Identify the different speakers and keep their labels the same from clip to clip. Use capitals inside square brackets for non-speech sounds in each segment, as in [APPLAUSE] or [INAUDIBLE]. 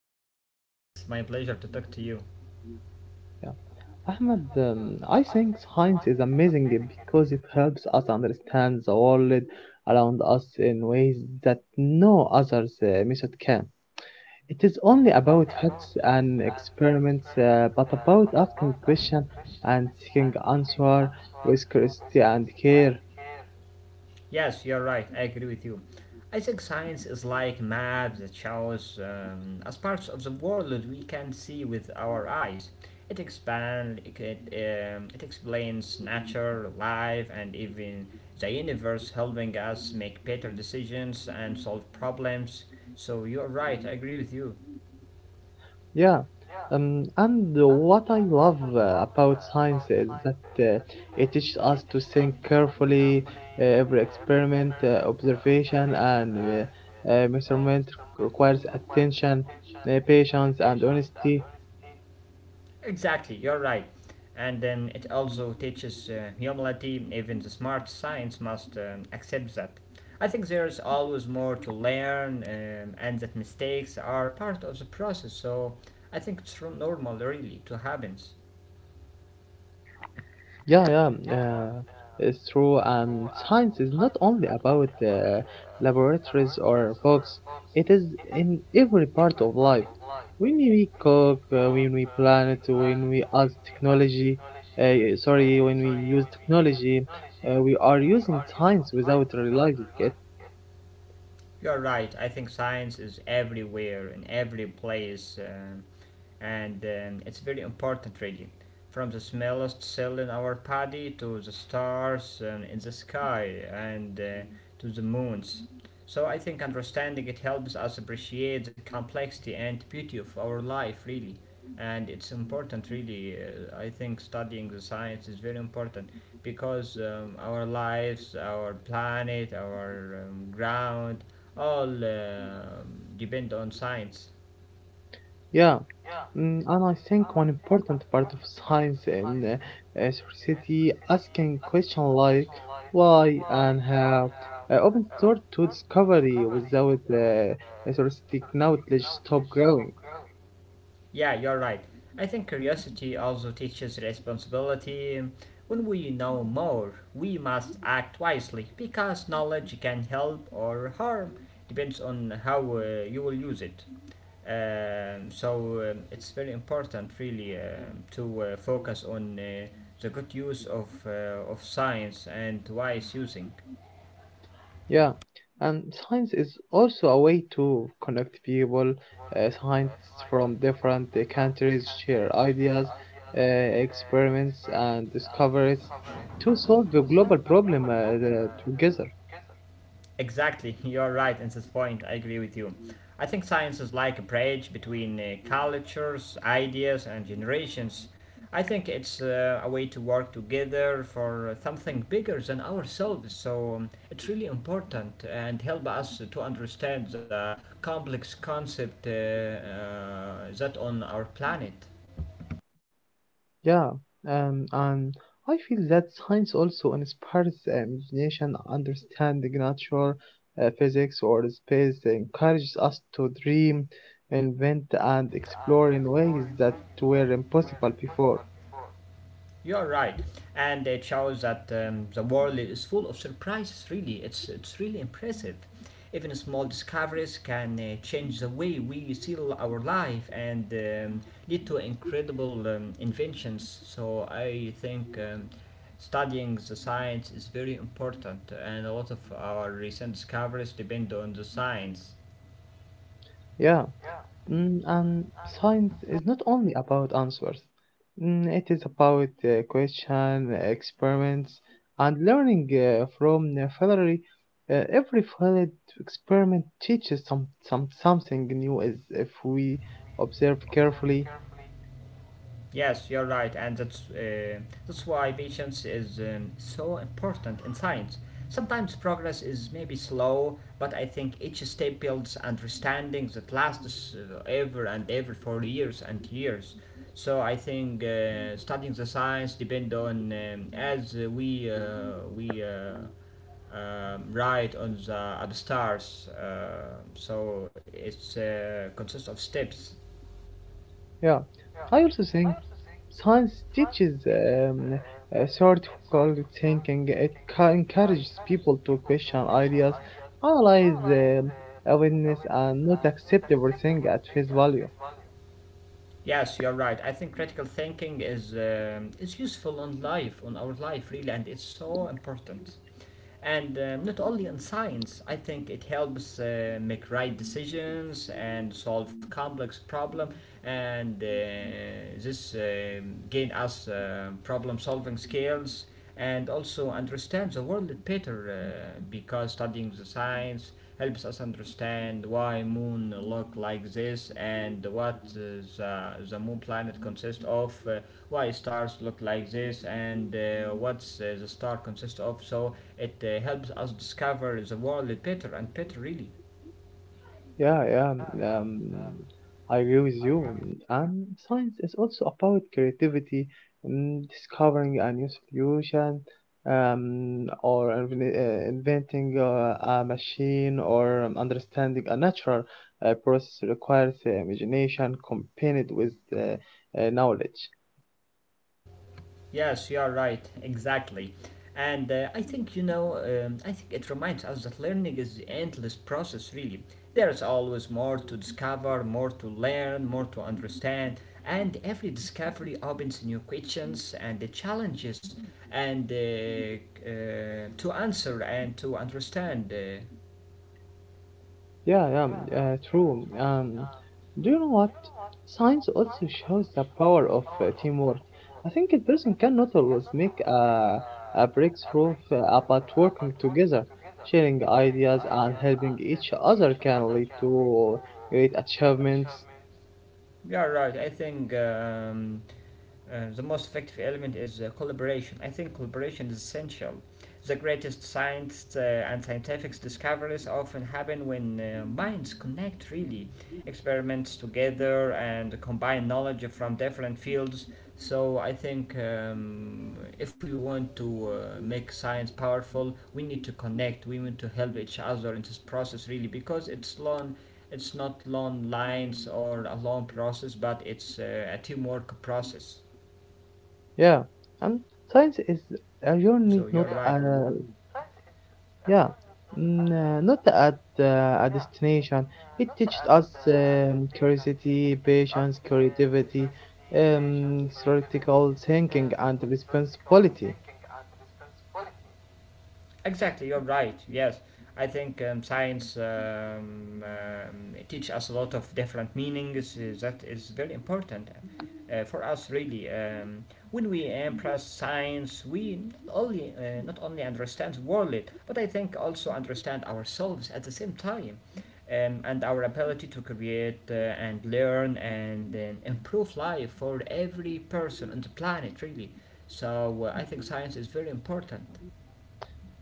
Speaker 1: It's my pleasure to talk to you.
Speaker 2: Yeah. Ahmad, I think science is amazing because it helps us understand the world around us in ways that no other method can. It is only about facts and experiments, but about asking questions and seeking answer with curiosity and care.
Speaker 1: Yes, you're right. I agree with you. I think science is like map that shows as parts of the world we can see with our eyes. It expands. It explains nature, life, and even the universe, helping us make better decisions and solve problems. So you're right. I agree with you.
Speaker 2: Yeah, and what I love about science is that it teaches us to think carefully. Every experiment, observation, and measurement requires attention, patience, and honesty.
Speaker 1: Exactly, you're right. And then it also teaches humility, even the smart science must accept that. I think there is always more to learn, and that mistakes are part of the process, so I think it's normal, really, to happens.
Speaker 2: Yeah, yeah, um, uh, it's true. And science is not only about laboratories or books, it is in every part of life. When we cook, when we plan it, when we ask technology, sorry, when we use technology, we are using science without realizing it.
Speaker 1: You're right. I think science is everywhere in every place, and it's very important, really. From the smallest cell in our body to the stars in the sky and to the moons. So I think understanding it helps us appreciate the complexity and beauty of our life, really. And it's important, really. I think studying the science is very important because our lives, our planet, our ground, all depend on science.
Speaker 2: Yeah. And I think one important part of [LAUGHS] science in society asking questions like why and how opens door to discovery without society knowledge stop growing.
Speaker 1: Yeah, you're right. I think curiosity also teaches responsibility. When we know more, we must act wisely because knowledge can help or harm, depends on how you will use it. So it's very important, really, to focus on the good use of science and wise using.
Speaker 2: Yeah, and science is also a way to connect people. Scientists from different countries share ideas, experiments, and discoveries to solve the global problem together.
Speaker 1: Exactly, [LAUGHS] you're right in this point, I agree with you. I think science is like a bridge between cultures, ideas, and generations. I think it's a way to work together for something bigger than ourselves, so it's really important and help us to understand the complex concept that on our planet.
Speaker 2: Yeah, and I feel that science also inspires the imagination, understanding nature, physics, or space, encourages us to dream, invent, and explore in ways that were impossible before.
Speaker 1: You're right, and it shows that the world is full of surprises. Really, it's really impressive. Even small discoveries can change the way we see our life and lead to incredible inventions. So I think studying the science is very important, and a lot of our recent discoveries depend on the science.
Speaker 2: Yeah. And science is not only about answers. It is about question, experiments, and learning from the failure. Every failed experiment teaches some something new as if we observe carefully.
Speaker 1: Yes, you're right, and that's why patience is so important in science. Sometimes progress is maybe slow, but I think each step builds understanding that lasts ever and ever for years and years. So I think studying the science depend on as we write on the stars. So it's consists of steps.
Speaker 2: Yeah, I also think science teaches a sort critical thinking. Encourages people to question ideas, analyze evidence, and not accept everything at face value.
Speaker 1: Yes, you're right. I think critical thinking is useful on life, on our life, really, and it's so important. And not only in science, I think it helps make right decisions and solve complex problem, and this gain us problem solving skills and also understand the world better because studying the science helps us understand why Moon look like this and what the Moon planet consists of, why stars look like this, and what's the star consists of. So it helps us discover the world better and better, really.
Speaker 2: Yeah, yeah. Um, I agree with you. And science is also about creativity, discovering a new solution, um, or inventing a machine, or understanding a natural process requires imagination combined with knowledge.
Speaker 1: Yes, you are right, exactly. And I think it reminds us that learning is the endless process, really. There is always more to discover, more to learn, more to understand, and every discovery opens new questions and the challenges and to answer and to understand. Uh,
Speaker 2: Yeah, true. Do you know what? Science also shows the power of teamwork. I think a person cannot always a breakthrough but working together, sharing ideas, and helping each other can lead to great achievements.
Speaker 1: you are right, I think. The most effective element is collaboration. I think collaboration is essential. The greatest science and scientific discoveries often happen when minds connect really, experiments together and combine knowledge from different fields. So I think if we want to make science powerful, we need to connect. We need to help each other in this process really because it's long. It's not long lines or a long process, but it's a teamwork process.
Speaker 2: Yeah, and science is a
Speaker 1: So
Speaker 2: journey,
Speaker 1: you're
Speaker 2: not a… Yeah, not at a destination. It teaches us curiosity, patience, creativity, theoretical thinking, and responsibility.
Speaker 1: Exactly you're right. Yes, I think science teach us a lot of different meanings. That is very important for us, really. When we embrace science, we not only not only understand the world, but I think also understand ourselves at the same time, and our ability to create and learn and improve life for every person on the planet, really. So I think science is very important.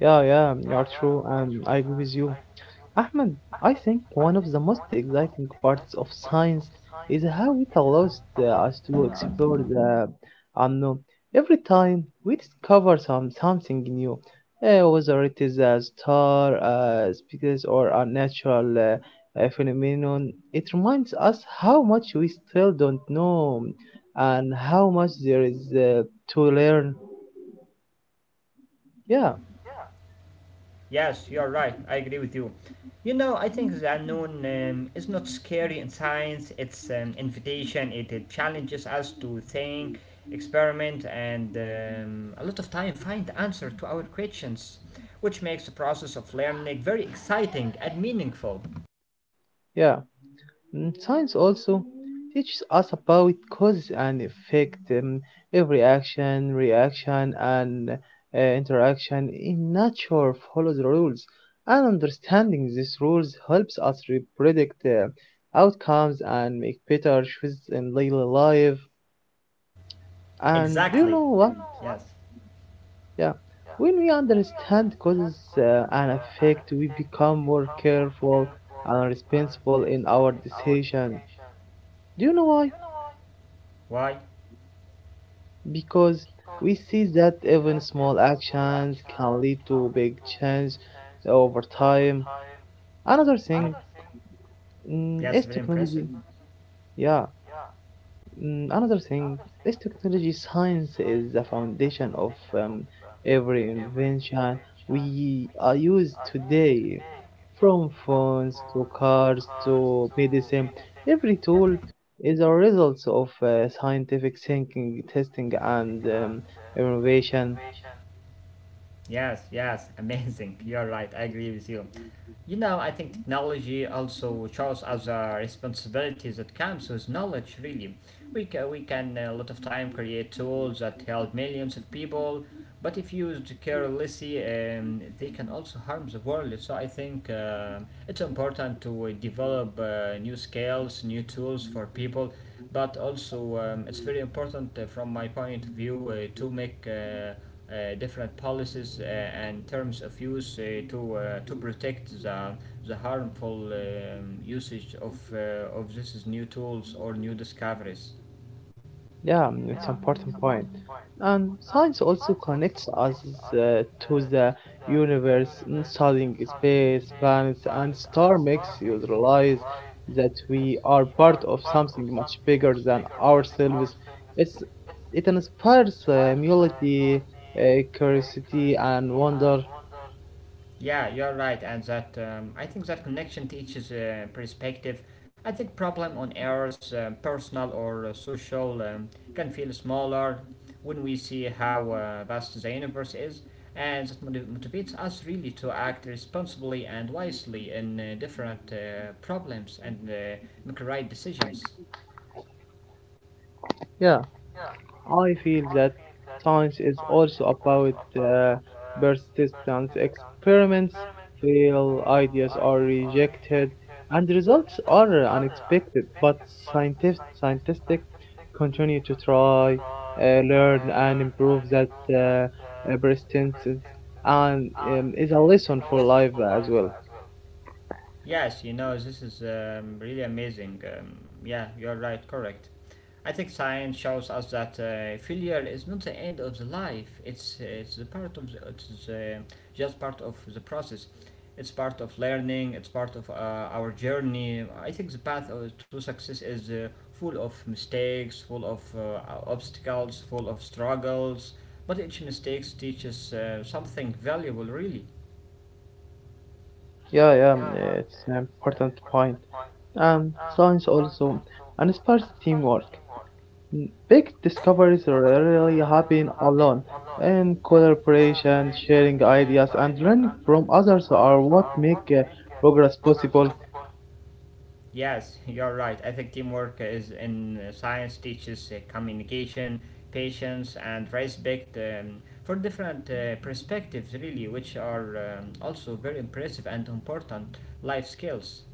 Speaker 2: Yeah, yeah, you are true. I agree with you. Ahmed, I think one of the most exciting parts of science is how it allows us to explore the unknown. Every time we discover something new, whether it is a star, a species, or a natural phenomenon, it reminds us how much we still don't know and how much there is uh, to learn. Yeah,
Speaker 1: Yes, you're right. I agree with you. You know, I think the unknown is not scary in science. It's an invitation. It challenges us to think, experiment, and a lot of time find answer to our questions, which makes the process of learning very exciting and meaningful.
Speaker 2: yeah. Science also teaches us about cause and effect. Every action, reaction, and interaction in nature follows rules, and understanding these rules helps us predict outcomes and make better choices in daily life. And do
Speaker 1: Exactly.
Speaker 2: you know what? Yeah, When we understand causes and effect, we become more careful and responsible in our decisions. Do you know why?
Speaker 1: Why?
Speaker 2: Because we see that even small actions can lead to big change over time. Another thing is
Speaker 1: Yes. I agree.
Speaker 2: technology. Yeah, another thing is technology. Science is the foundation of every invention we are used today, from phones to cars to medicine. Every tool is a result of scientific thinking, testing, and innovation.
Speaker 1: Yes,
Speaker 2: Thank
Speaker 1: yes, amazing. [LAUGHS] You're right. I agree with you. You know, I think technology also shows us a responsibility that comes with knowledge, really. We can a lot of time create tools that help millions of people, but if used carelessly, they can also harm the world. So I think it's important to develop new skills, new tools for people, but also it's very important from my point of view to make different policies and terms of use to to protect the harmful usage of
Speaker 2: you.
Speaker 1: these new tools or new discoveries.
Speaker 2: Yeah, it's an important point. And science also connects us to the universe. Studying space, planets, and star makes you realize that we are part of something much bigger than ourselves. It's it inspires humility, curiosity, and wonder.
Speaker 1: Yeah, you're right, and that I think that connection teaches perspective. I think problem on ours, personal or social, can feel smaller when we see how vast the universe is, and that motivates us really to act responsibly and wisely in different problems and make right decisions.
Speaker 2: Yeah. I feel that science is also about persistence. Experiments fail, ideas are rejected, and results are unexpected. But scientists continue to try, learn, and improve. That persistence and is a lesson for life as well.
Speaker 1: Yes, you know, this is really amazing. Yeah, you're right, correct. I think science shows us that failure is not the end of the life. It's the part of the, it's just part of the process. It's part of learning. It's part of our journey. I think the path to success is full of mistakes, full of obstacles, full of struggles. But each mistake teaches something valuable, really.
Speaker 2: Yeah, it's an important point. Science also inspires teamwork. Big discoveries rarely happen alone. In collaboration, sharing ideas, and learning from others are what make progress possible.
Speaker 1: Yes, you're right. I think teamwork is in science teaches communication, patience, and respect for different perspectives, really, which are also very impressive and important life skills.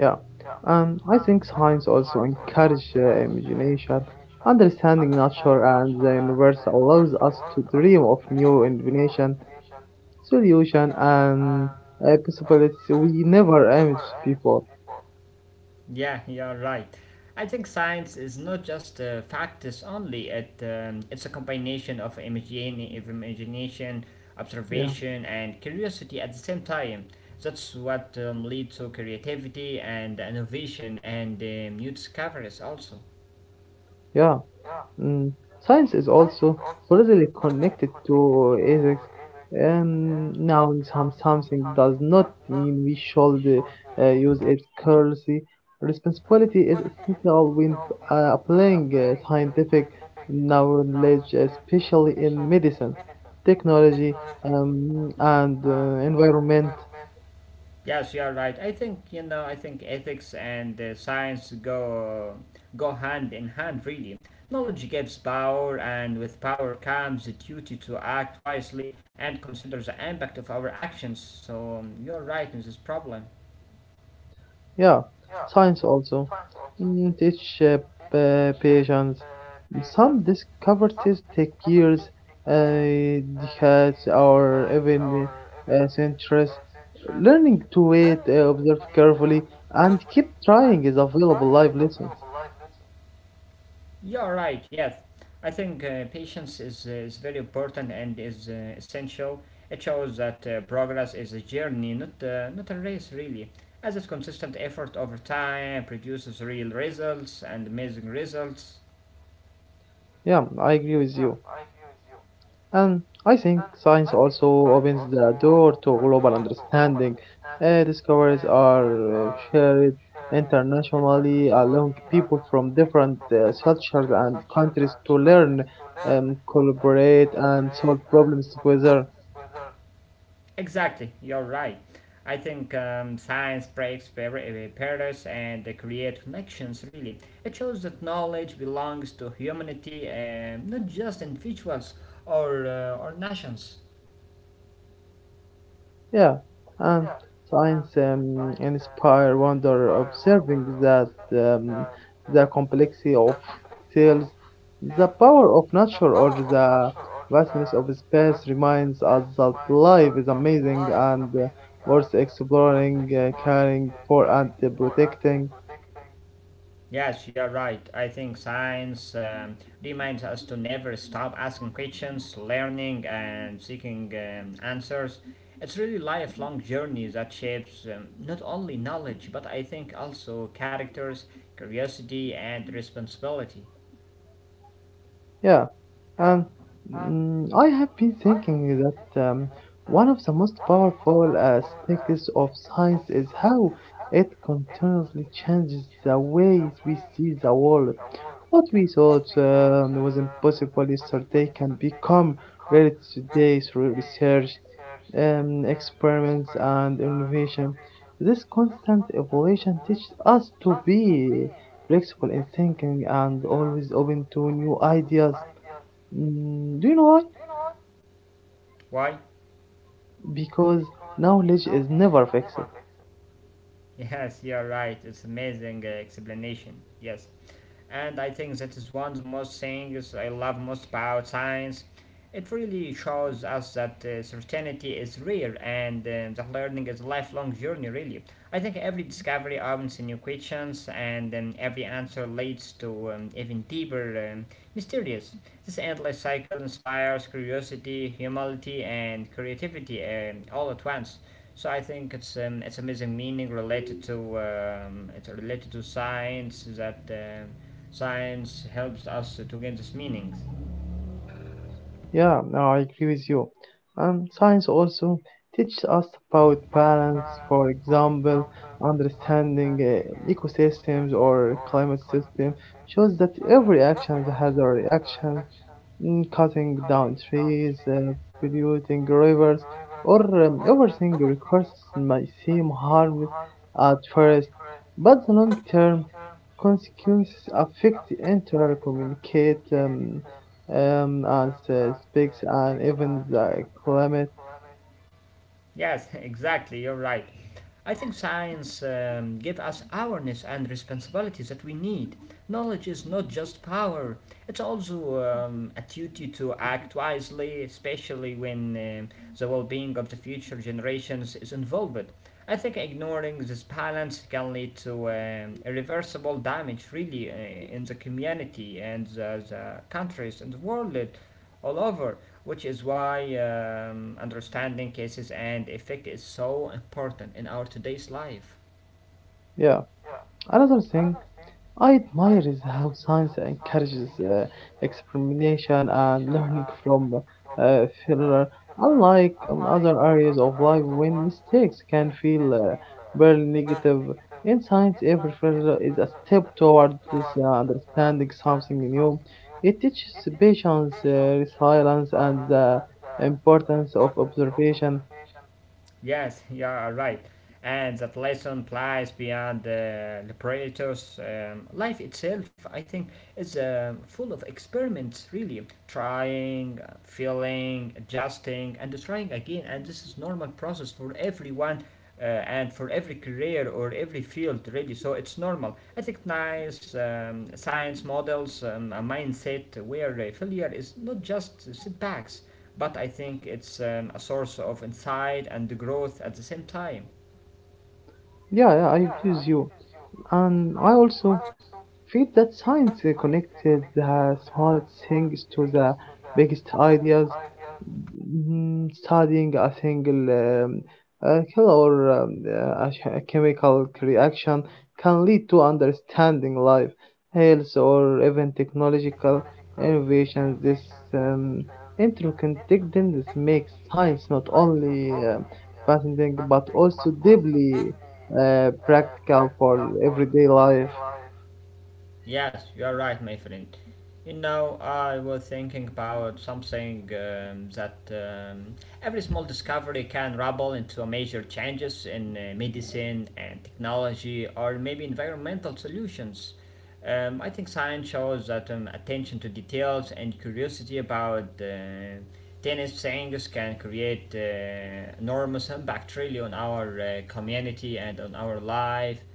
Speaker 2: Yeah, I think science also encourages imagination. Understanding nature and the universe allows us to dream of new invention, solution, and possibilities we never imagined before.
Speaker 1: Yeah, you're right. I think science is not just facts only. It's a combination of imagination,
Speaker 2: Yeah,
Speaker 1: observation, and curiosity at the same time. That's what leads to creativity and innovation and new discoveries also.
Speaker 2: yeah. Mm, science is also closely connected to ethics. Now, something does not mean we should use it currency. Responsibility is essential when applying scientific knowledge, especially in medicine, technology, and environment.
Speaker 1: Yes, you are right. I think you know. I think ethics and science go hand in hand. Really, knowledge gives power, and with power comes the duty to act wisely and consider the impact of our actions. So you are right in this problem.
Speaker 2: Yeah, science also teach patience. Some discoveries take years, decades, or even centuries. Learning to wait, observe carefully, and keep trying is available life lessons.
Speaker 1: You're right, yes. I think patience is very important and is essential. It shows that progress is a journey, not a race, really. As it's consistent effort over time produces real results and amazing results.
Speaker 2: Yeah, I agree with you. And I think science also opens the door to global understanding. Discoveries are shared internationally, allowing people from different cultures and countries to learn, collaborate, and solve problems together.
Speaker 1: Exactly, you're right. I think science breaks barriers and they create connections, really. It shows that knowledge belongs to humanity, not just individuals or nations.
Speaker 2: Yeah, and science inspire wonder, observing that the complexity of tales, the power of nature, or the vastness of space reminds us that life is amazing and worth exploring, caring for, and protecting.
Speaker 1: Yes, you're right. I think science reminds us to never stop asking questions, learning, and seeking answers. It's really lifelong journey that shapes not only knowledge, but I think also characters, curiosity, and responsibility.
Speaker 2: Yeah, um, I have been thinking that one of the most powerful aspects of science is how it continuously changes the ways we see the world. What we thought was impossible yesterday can become reality today through research, experiments, and innovation. This constant evolution teaches us to be flexible in thinking and always open to new ideas. Do you know why?
Speaker 1: Why? [LAUGHS]
Speaker 2: Because knowledge is never fixed.
Speaker 1: Yes, you're right. It's amazing explanation. Yes. And I think that is one of the most things I love most about science. It really shows us that certainty is rare and that learning is a lifelong journey, really. I think every discovery opens new questions, and every answer leads to even deeper mysterious. This endless cycle inspires curiosity, humility, and creativity all at once. So I think it's amazing meaning related to it's related to science that science helps us to gain this meaning.
Speaker 2: Yeah, no, I agree with you. Science also teaches us about balance, for example, understanding ecosystems or climate system shows that every action has a reaction, cutting down trees, polluting rivers, or everything resources might seem harmless at first, but the long-term consequences affect entire communicate. Um, as speaks and even the climate.
Speaker 1: Yes, [LAUGHS] exactly. You're right. I think science gives us awareness and responsibilities that we need. Knowledge is not just power; it's also a duty to act wisely, especially when the well-being of the future generations is involved. I think ignoring this balance can lead to irreversible damage, really, in the community and the countries and the world all over, which is why understanding cases and effect is so important in our today's life.
Speaker 2: Yeah. Another thing I admire is how science encourages experimentation and learning from failure, unlike other areas of life when mistakes can feel very negative. In science, every failure is a step towards understanding something new. It teaches patience, resilience, and the importance of observation.
Speaker 1: Yes, yeah, right. And that lesson applies beyond the laboratories. Life itself, I think, is full of experiments, really. Trying, feeling, adjusting, and trying again. And this is normal process for everyone and for every career or every field, really. So it's normal. I think nice science models, a mindset where failure is not just setbacks, but I think it's a source of insight and growth at the same time.
Speaker 2: Yeah, I agree with you. And I also feel that science connected the small things to the biggest ideas. Studying a single cell or a chemical reaction can lead to understanding life, health, or even technological innovations. This um, interconnectedness makes science not only fascinating but also deeply practical for everyday life.
Speaker 1: Yes, you're right, my friend. You know, I was thinking about something that every small discovery can rubble into major changes in medicine and technology or maybe environmental solutions. I think science shows that attention to details and curiosity about tennis things can create enormous impact really on our community and on our life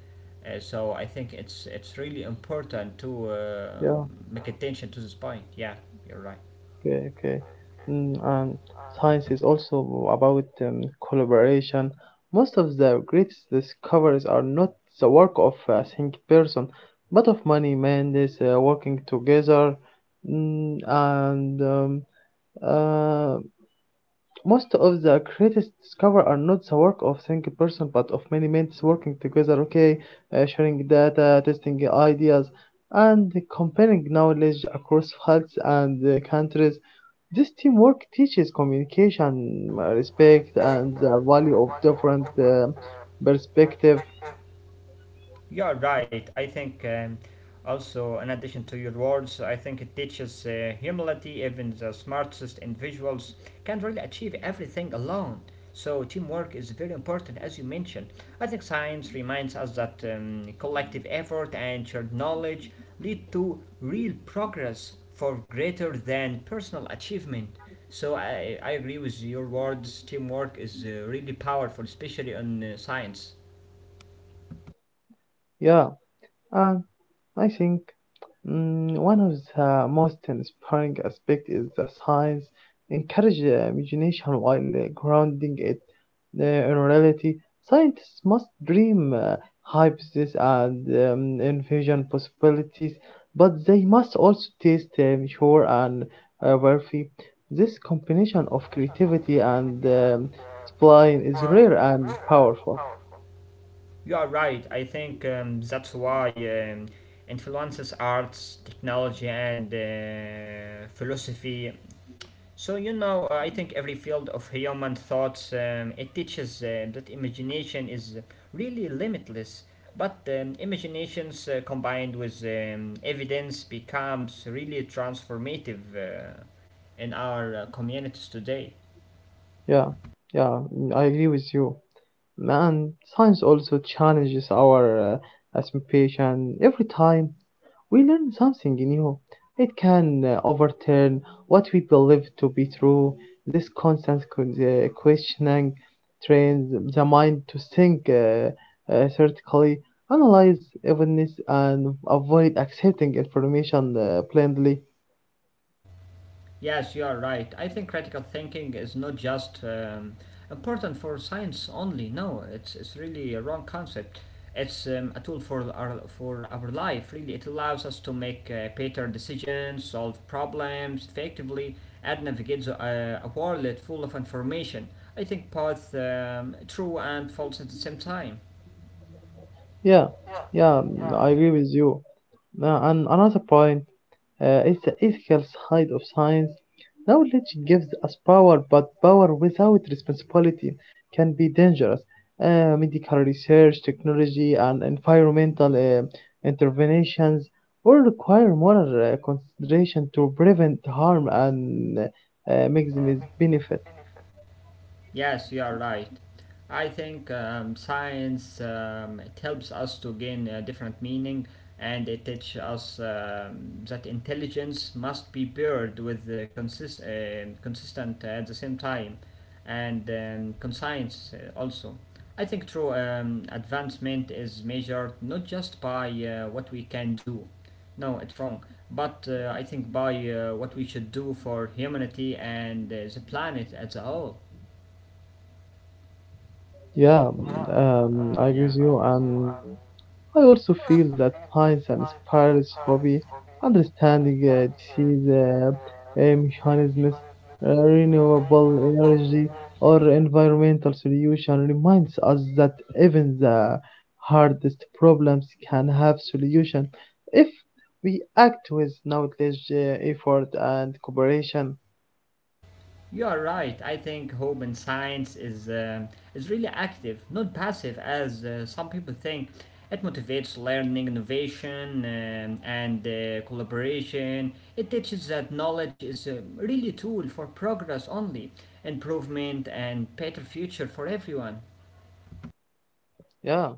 Speaker 1: so I think it's really important to
Speaker 2: Yeah.
Speaker 1: attention to this point. Yeah, you're right.
Speaker 2: Okay, okay. And science is also about collaboration. Most of the greatest discoveries are not the work of a single person, but of many men is working together. Mm, and uh, Most of the greatest discoveries are not the work of single person, but of many minds working together, okay, sharing data, testing ideas, and comparing knowledge across fields and countries. This teamwork teaches communication, respect, and the value of different perspective.
Speaker 1: You're right. I think also, in addition to your words, I think it teaches humility. Even the smartest individuals can't really achieve everything alone. So, teamwork is very important, as you mentioned. I think science reminds us that collective effort and shared knowledge lead to real progress for greater than personal achievement. So, I agree with your words. Teamwork is really powerful, especially in science.
Speaker 2: Yeah, and I think one of the most inspiring aspects is the science encourage imagination while grounding it. In reality, scientists must dream hypotheses and envision possibilities, but they must also taste, sure, and verify. This combination of creativity and spline is rare and powerful.
Speaker 1: You are right. I think that's why influences arts, technology, and philosophy. So you know, I think every field of human thoughts it teaches that imagination is really limitless. But imaginations combined with evidence becomes really transformative in our communities today.
Speaker 2: Yeah, yeah, I agree with you. And science also challenges our assumption every time we learn something new. It can overturn what we believe to be true. This constant the questioning trains the mind to think critically, analyze evidence, and avoid accepting information blindly.
Speaker 1: Yes, you are right. I think critical thinking is not just important for science only. No, it's really a wrong concept. It's a tool for our life, really. It allows us to make better decisions, solve problems effectively, and navigate a world full of information. I think both true and false at the same time.
Speaker 2: Yeah, yeah, I agree with you. Now, and another point is the ethical side of science. Knowledge gives us power, but power without responsibility can be dangerous. Medical research, technology, and environmental interventions all require moral consideration to prevent harm and maximize benefit.
Speaker 1: Yes, you are right. I think science it helps us to gain a different meaning and it teaches us that intelligence must be paired with consistent at the same time and conscience also. I think true advancement is measured not just by what we can do, no, it's wrong, but I think by what we should do for humanity and the planet as a whole.
Speaker 2: Yeah, I agree
Speaker 1: Yeah.
Speaker 2: with you, and I also feel that science and inspires hobby, understanding disease mechanisms, renewable energy, or environmental solution reminds us that even the hardest problems can have solution if we act with knowledge, effort, and cooperation.
Speaker 1: You are right. I think hope in science is really active, not passive as some people think. It motivates learning, innovation, and collaboration. It teaches that knowledge is really a tool for progress only, improvement, and better future for everyone.
Speaker 2: Yeah.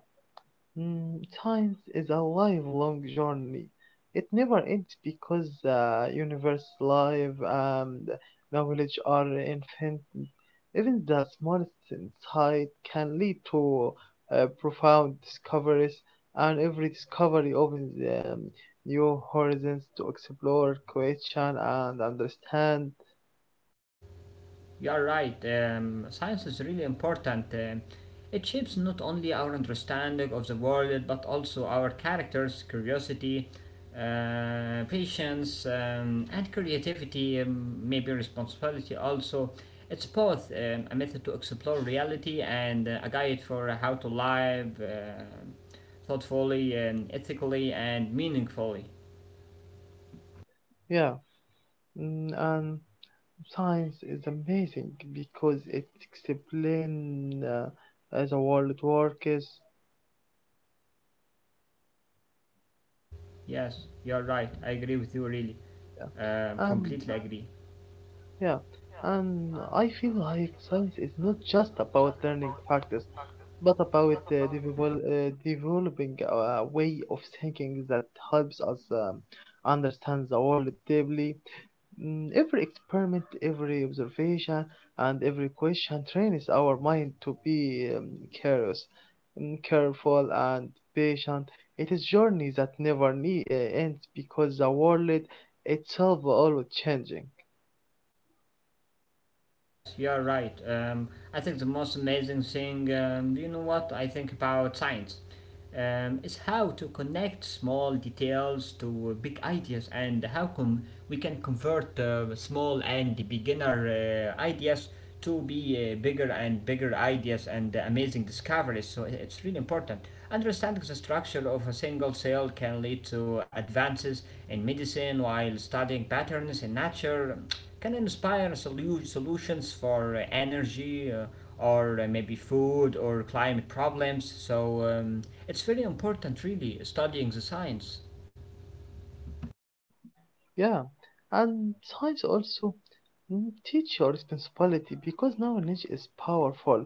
Speaker 2: Science is a lifelong journey. It never ends because the universe, life, and knowledge are infinite. Even the smallest insight can lead to profound discoveries, and every discovery opens new horizons to explore, question, and understand.
Speaker 1: You are right. Science is really important. It shapes not only our understanding of the world, but also our characters, curiosity, patience, and creativity, maybe responsibility also. It's both a method to explore reality and a guide for how to live thoughtfully, ethically, and meaningfully.
Speaker 2: Yeah. And science is amazing because it explains as the world works.
Speaker 1: Yes, you are right. I agree with you, really.
Speaker 2: Yeah. And
Speaker 1: Completely agree.
Speaker 2: yeah, and I feel like science is not just about learning factors, but about developing a way of thinking that helps us understand the world deeply. Mm, every experiment, every observation, and every question trains our mind to be curious, mm, careful, and patient. It is journey that never ends because the world itself always changing.
Speaker 1: Yes, you're right. I think the most amazing thing, you know what I think about science, is how to connect small details to big ideas and how can we can convert small and beginner ideas to be bigger and bigger ideas and amazing discoveries. So it's really important. Understanding the structure of a single cell can lead to advances in medicine while studying patterns in nature can inspire solutions for energy or maybe food or climate problems. So it's very important, really, studying the science.
Speaker 2: Yeah, and science also mm, teach your responsibility because knowledge is powerful.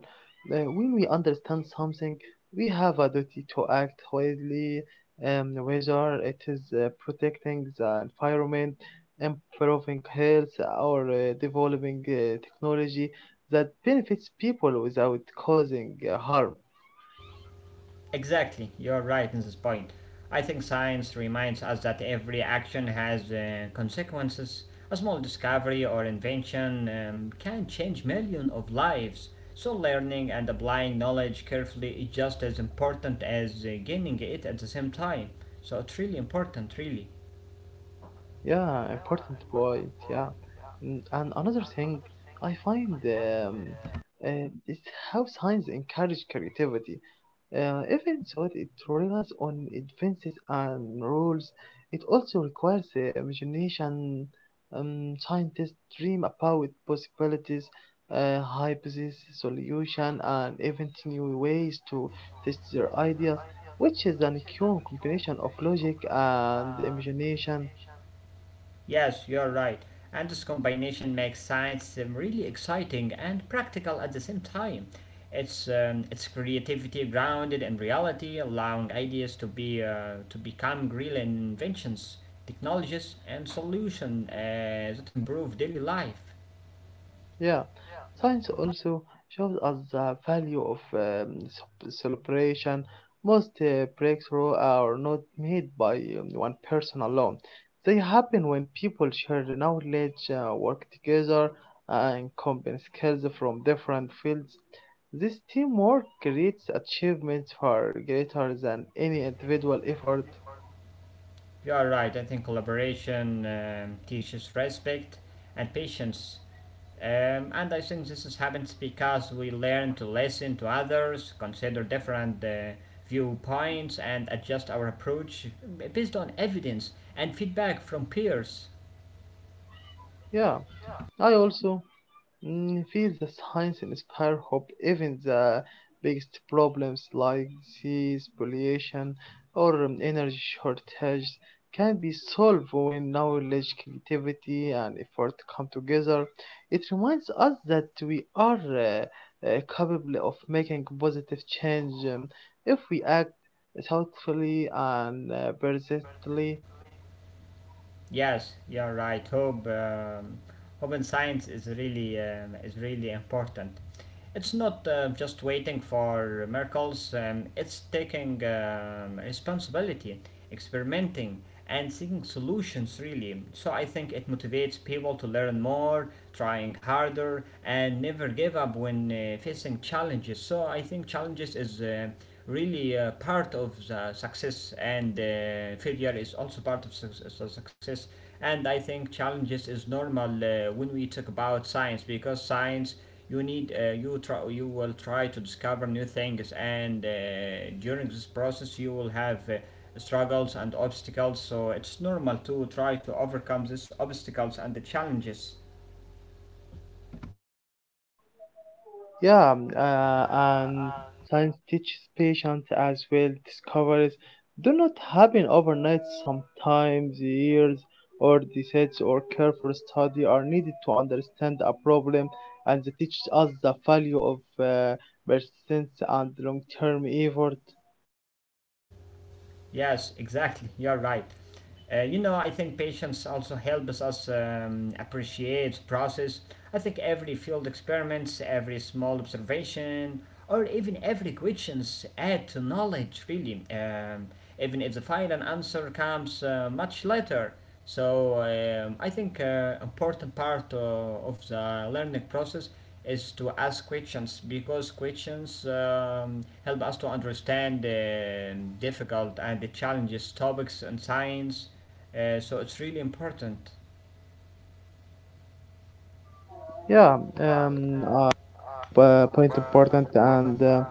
Speaker 2: When we understand something, we have a duty to act wisely, whether it is protecting the environment, improving health, or developing technology that benefits people without causing harm.
Speaker 1: Exactly, you're right in this point. I think science reminds us that every action has consequences. A small discovery or invention can change millions of lives. So, learning and applying knowledge carefully is just as important as gaining it at the same time. So, it's really important, really.
Speaker 2: Yeah, important point. Yeah, mm, and another thing I find is how science encourage creativity. Even though it relies on advances and rules, it also requires the imagination. Scientists dream about possibilities, hypotheses, solution, and even new ways to test their ideas, which is an cure combination of logic and imagination.
Speaker 1: Yes, you're right. And this combination makes science really exciting and practical at the same time. It's creativity grounded in reality, allowing ideas to be to become real inventions, technologies, and solutions that improve daily life.
Speaker 2: Yeah, science also shows us the value of celebration. Most breakthroughs are not made by one person alone. They happen when people share the knowledge, work together, and combine skills from different fields. This teamwork creates achievements far greater than any individual effort.
Speaker 1: You are right. I think collaboration teaches respect and patience. And I think this is happens because we learn to listen to others, consider different viewpoints, and adjust our approach based on evidence and feedback from peers.
Speaker 2: Yeah, I also feel the science inspire hope even the biggest problems like disease, pollution, or energy shortages can be solved when knowledge, creativity, and effort come together. It reminds us that we are capable of making positive change if we act thoughtfully and persistently.
Speaker 1: Yes, you're right. Hope in science is really important. It's not just waiting for miracles. It's taking responsibility, experimenting, and seeking solutions. Really, so I think it motivates people to learn more, trying harder, and never give up when facing challenges. So I think challenges is. Really part of the success and failure is also part of success, and I think challenges is normal when we talk about science, because science you try, you will try to discover new things, and during this process you will have struggles and obstacles, so it's normal to try to overcome these obstacles and the challenges.
Speaker 2: Yeah, and science teaches patience as well. Discoveries do not happen overnight. Sometimes years or decades or careful study are needed to understand a problem, and they teach us the value of persistence and long-term effort.
Speaker 1: Yes, exactly. You're right. You know, I think patience also helps us appreciate process. I think every field experiments, every small observation, or even every questions add to knowledge. Really, even if the final answer comes much later. So I think important part of the learning process is to ask questions because questions help us to understand difficult and the challenges topics in science. So it's really important.
Speaker 2: Yeah, point important, and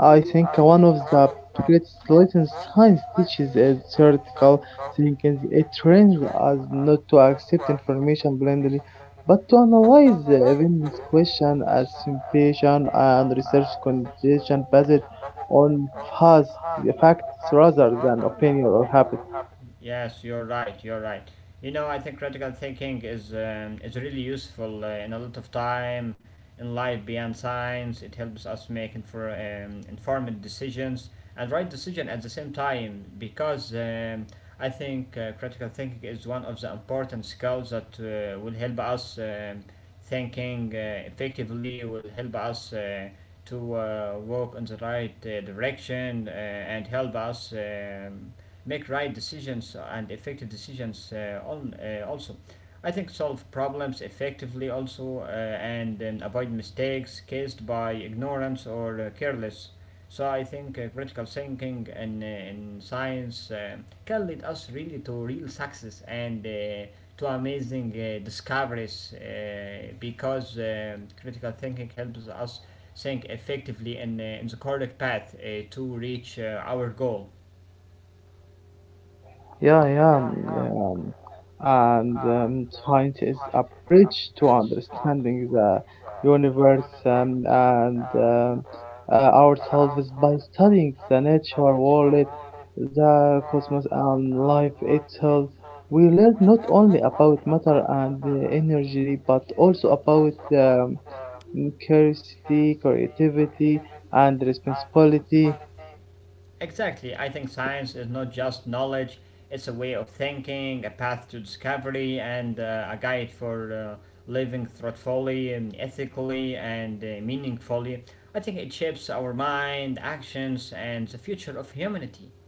Speaker 2: I think one of the greatest lessons science teaches is theoretical thinking. It trains us not to accept information blindly, but to analyze the evidence, question, assumption, and research condition based on facts facts rather than opinion or habit.
Speaker 1: Yes, you're right. You're right. You know, I think critical thinking is really useful in a lot of time in life beyond science. It helps us make informed decisions and right decision at the same time because I think critical thinking is one of the important skills that will help us thinking effectively. Will help us. To walk in the right direction and help us make right decisions and effective decisions on also I think solve problems effectively also and avoid mistakes caused by ignorance or careless, so I think critical thinking and in science can lead us really to real success and to amazing discoveries because critical thinking helps us think effectively in the correct path to reach our goal.
Speaker 2: Yeah, yeah. And Science is a bridge to understanding the universe and ourselves by studying the nature world, the cosmos, and life itself. We learn not only about matter and energy, but also about curiosity, creativity, and responsibility.
Speaker 1: Exactly. I think science is not just knowledge, it's a way of thinking, a path to discovery, and a guide for living thoughtfully, ethically, and meaningfully. I think it shapes our mind, actions, and the future of humanity.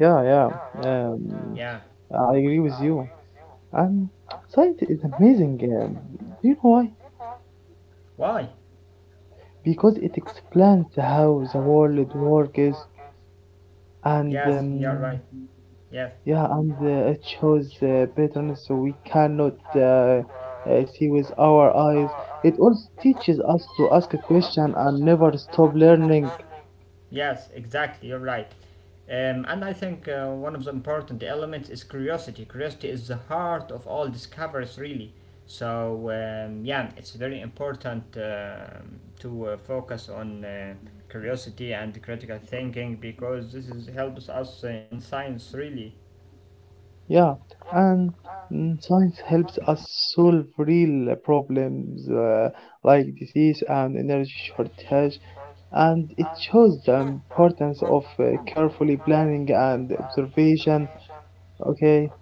Speaker 2: Yeah, yeah.
Speaker 1: Yeah.
Speaker 2: I agree with you. Um, science is amazing. Do you know why?
Speaker 1: Why?
Speaker 2: Because it explains how the world works and
Speaker 1: Yes, you're right. Yes.
Speaker 2: yeah, and it shows patterns we cannot see with our eyes. It also teaches us to ask a question and never stop learning.
Speaker 1: Yes, exactly. You're right. And I think one of the important elements is curiosity. Curiosity is the heart of all discoveries, really. So, yeah, it's very important to focus on curiosity and critical thinking because this is, helps us in science, really.
Speaker 2: Yeah, and mm, science helps us solve real problems like disease and energy shortage. And it shows the importance of carefully planning and observation. Okay.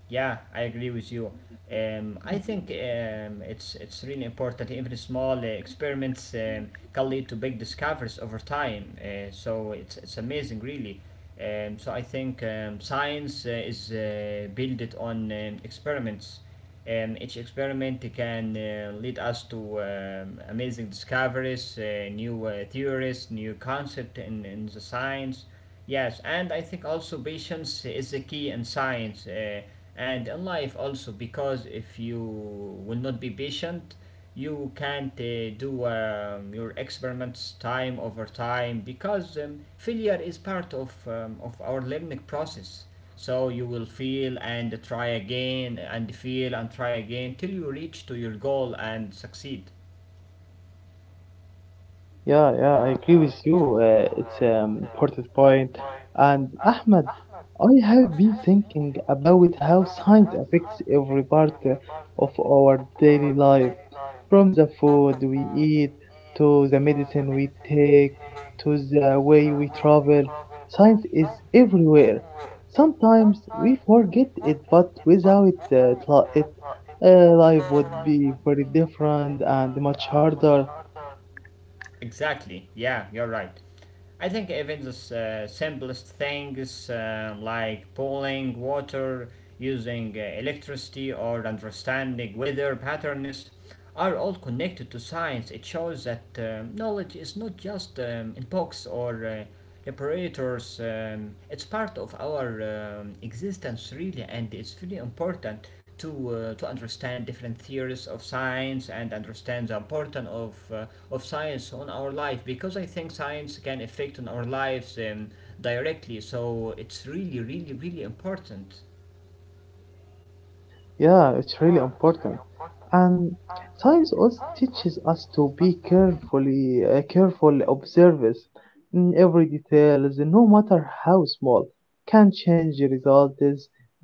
Speaker 1: Yeah, I agree with you. I think it's really important. Even small experiments can lead to big discoveries over time. So it's amazing, really. So I think science is built on experiments. Each experiment can lead us to amazing discoveries, new theories, new concept in the science. Yes, and I think also patience is the key in science and in life also, because if you will not be patient, you can't do your experiments time over time because failure is part of our learning process. So you will feel and try again and feel and try again till you reach to your goal and succeed.
Speaker 2: Yeah, yeah, I agree with you. It's an important point. And Ahmed, I have been thinking about how science affects every part of our daily life, from the food we eat to the medicine we take to the way we travel. Science is everywhere. Sometimes we forget it, but without it, uh, life would be very different and much harder.
Speaker 1: Exactly. Yeah, you're right. I think even the simplest things like boiling water, using electricity, or understanding weather patterns are all connected to science. It shows that knowledge is not just in books or operators. It's part of our existence really, and it's very important to understand different theories of science and understand the importance of science on our life, because I think science can affect on our lives directly. So it's really, really, really important.
Speaker 2: Yeah, it's really important. And science also teaches us to be careful observers. Mm, every detail, no matter how small, can change the results.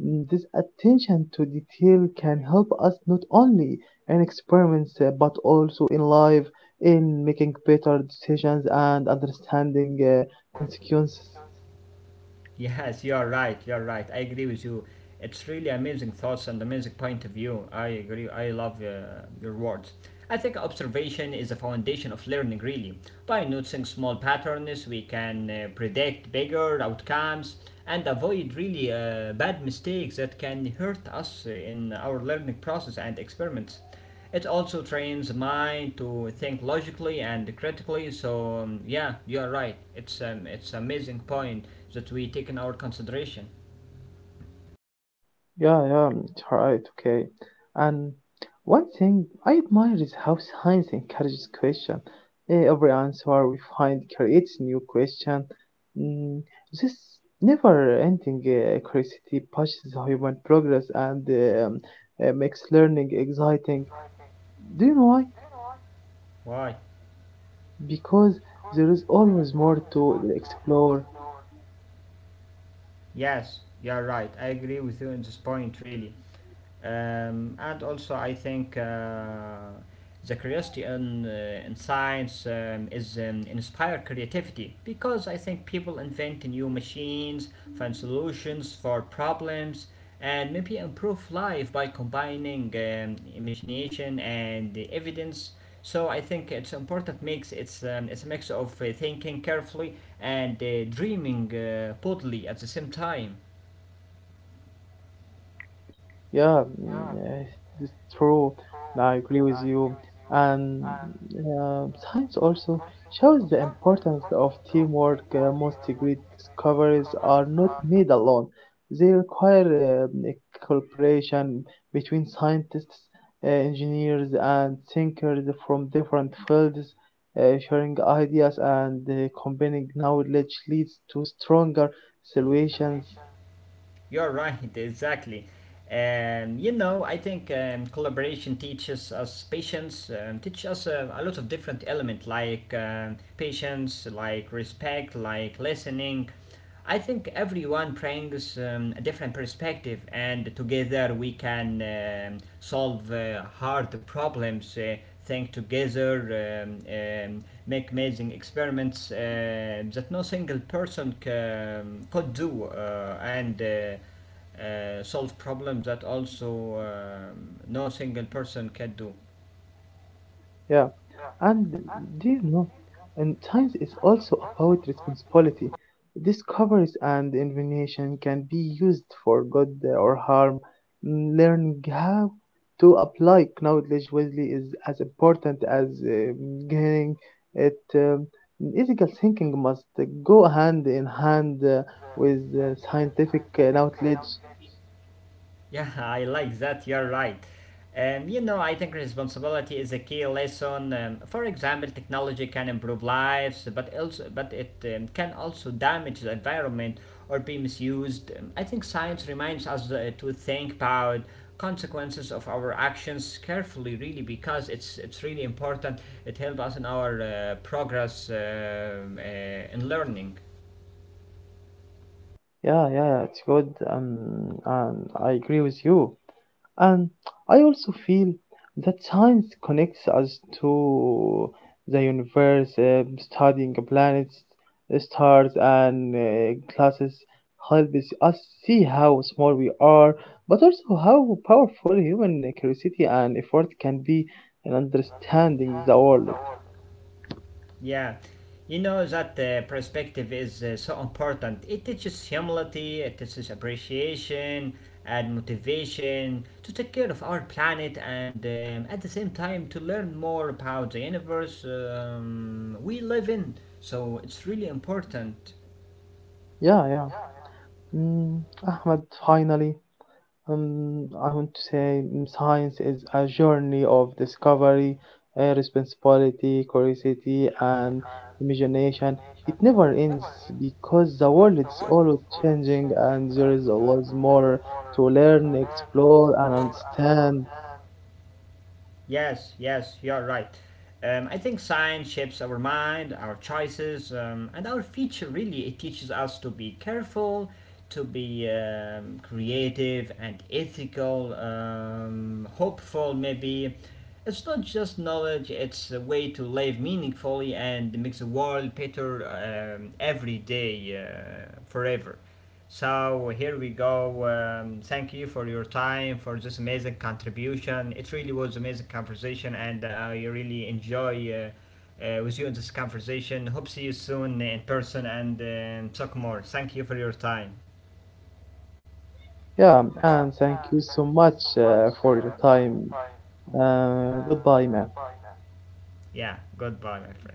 Speaker 2: Mm, this attention to detail can help us not only in experiments but also in life, in making better decisions and understanding consequences.
Speaker 1: Yes, you're right. You're right. I agree with you. It's really amazing thoughts and amazing point of view. I agree. I love your words. I think observation is a foundation of learning, really. By noticing small patterns, we can predict bigger outcomes and avoid really bad mistakes that can hurt us in our learning process and experiments. It also trains the mind to think logically and critically. So yeah, you're right. It's amazing point that we take in our consideration.
Speaker 2: Yeah, yeah, mm, it's right, okay. And one thing I admire is how science encourages question. Eh, every answer we find creates new question. Mm, this never-ending curiosity pushes human progress and makes learning exciting. Do you know why?
Speaker 1: Why?
Speaker 2: Because there is always more to explore.
Speaker 1: Yes, you're right. I agree with you on this point really. And also I think the curiosity in science is inspired creativity because I think people invent new machines, find solutions for problems, and maybe improve life by combining imagination and the evidence. So I think it's important mix. It's a mix of thinking carefully and dreaming boldly at the same time.
Speaker 2: Yeah, mm, eh, it's true. Nah, I agree with you. And uh, science also shows the importance of teamwork. Most great discoveries are not made alone. They require a cooperation between scientists, engineers, and thinkers from different fields. Sharing ideas and combining knowledge leads to stronger solutions.
Speaker 1: You're right, [LAUGHS] exactly. You know, I think collaboration teaches us patience, teach us a lot of different elements like patience, like respect, like listening. I think everyone brings a different perspective, and together we can solve hard problems. Think together, make amazing experiments that no single could do, and solve problems that also no single person can do.
Speaker 2: Yeah, and do you know, and science is also about responsibility. Discoveries and invention can be used for good or harm. Mm, learning how to apply knowledge wisely is as important as getting it. Ethical thinking must go hand in hand with scientific knowledge.
Speaker 1: Yeah, [LAUGHS] I like that. You're right. You know, I think responsibility is a key lesson. For example, technology can improve lives, but also, but it can also damage the environment or be misused. I think science reminds us to think about consequences of our actions carefully, really, because it's really important. It helps us in our progress in learning.
Speaker 2: Yeah, yeah, it's good. And I agree with you. And I also feel that science connects us to the universe, studying planets, stars, and classes helps us see how small we are, but also how powerful human curiosity and effort can be in understanding the world.
Speaker 1: Yeah, you know that perspective is so important. It teaches humility, it teaches appreciation and motivation to take care of our planet and at the same time to learn more about the universe we live in. So it's really important.
Speaker 2: Yeah, yeah. Mm, Ahmed, finally, I want to say mm, science is a journey of discovery, responsibility, curiosity, and imagination. It never ends because the world is always changing and there is always more to learn, explore, and understand.
Speaker 1: Yes, yes, you're right. I think science shapes our mind, our choices, and our future. Really, it teaches us to be careful, to be creative and ethical, hopeful. Maybe it's not just knowledge; it's a way to live meaningfully and makes the world better every day, forever. So here we go. Thank you for your time, for this amazing contribution. It really was amazing conversation, and I really enjoy with you in this conversation. Hope see you soon in person and talk more. Thank you for your time.
Speaker 2: Yeah, and thank you so much for your time. Goodbye, man.
Speaker 1: Yeah, goodbye, my friend.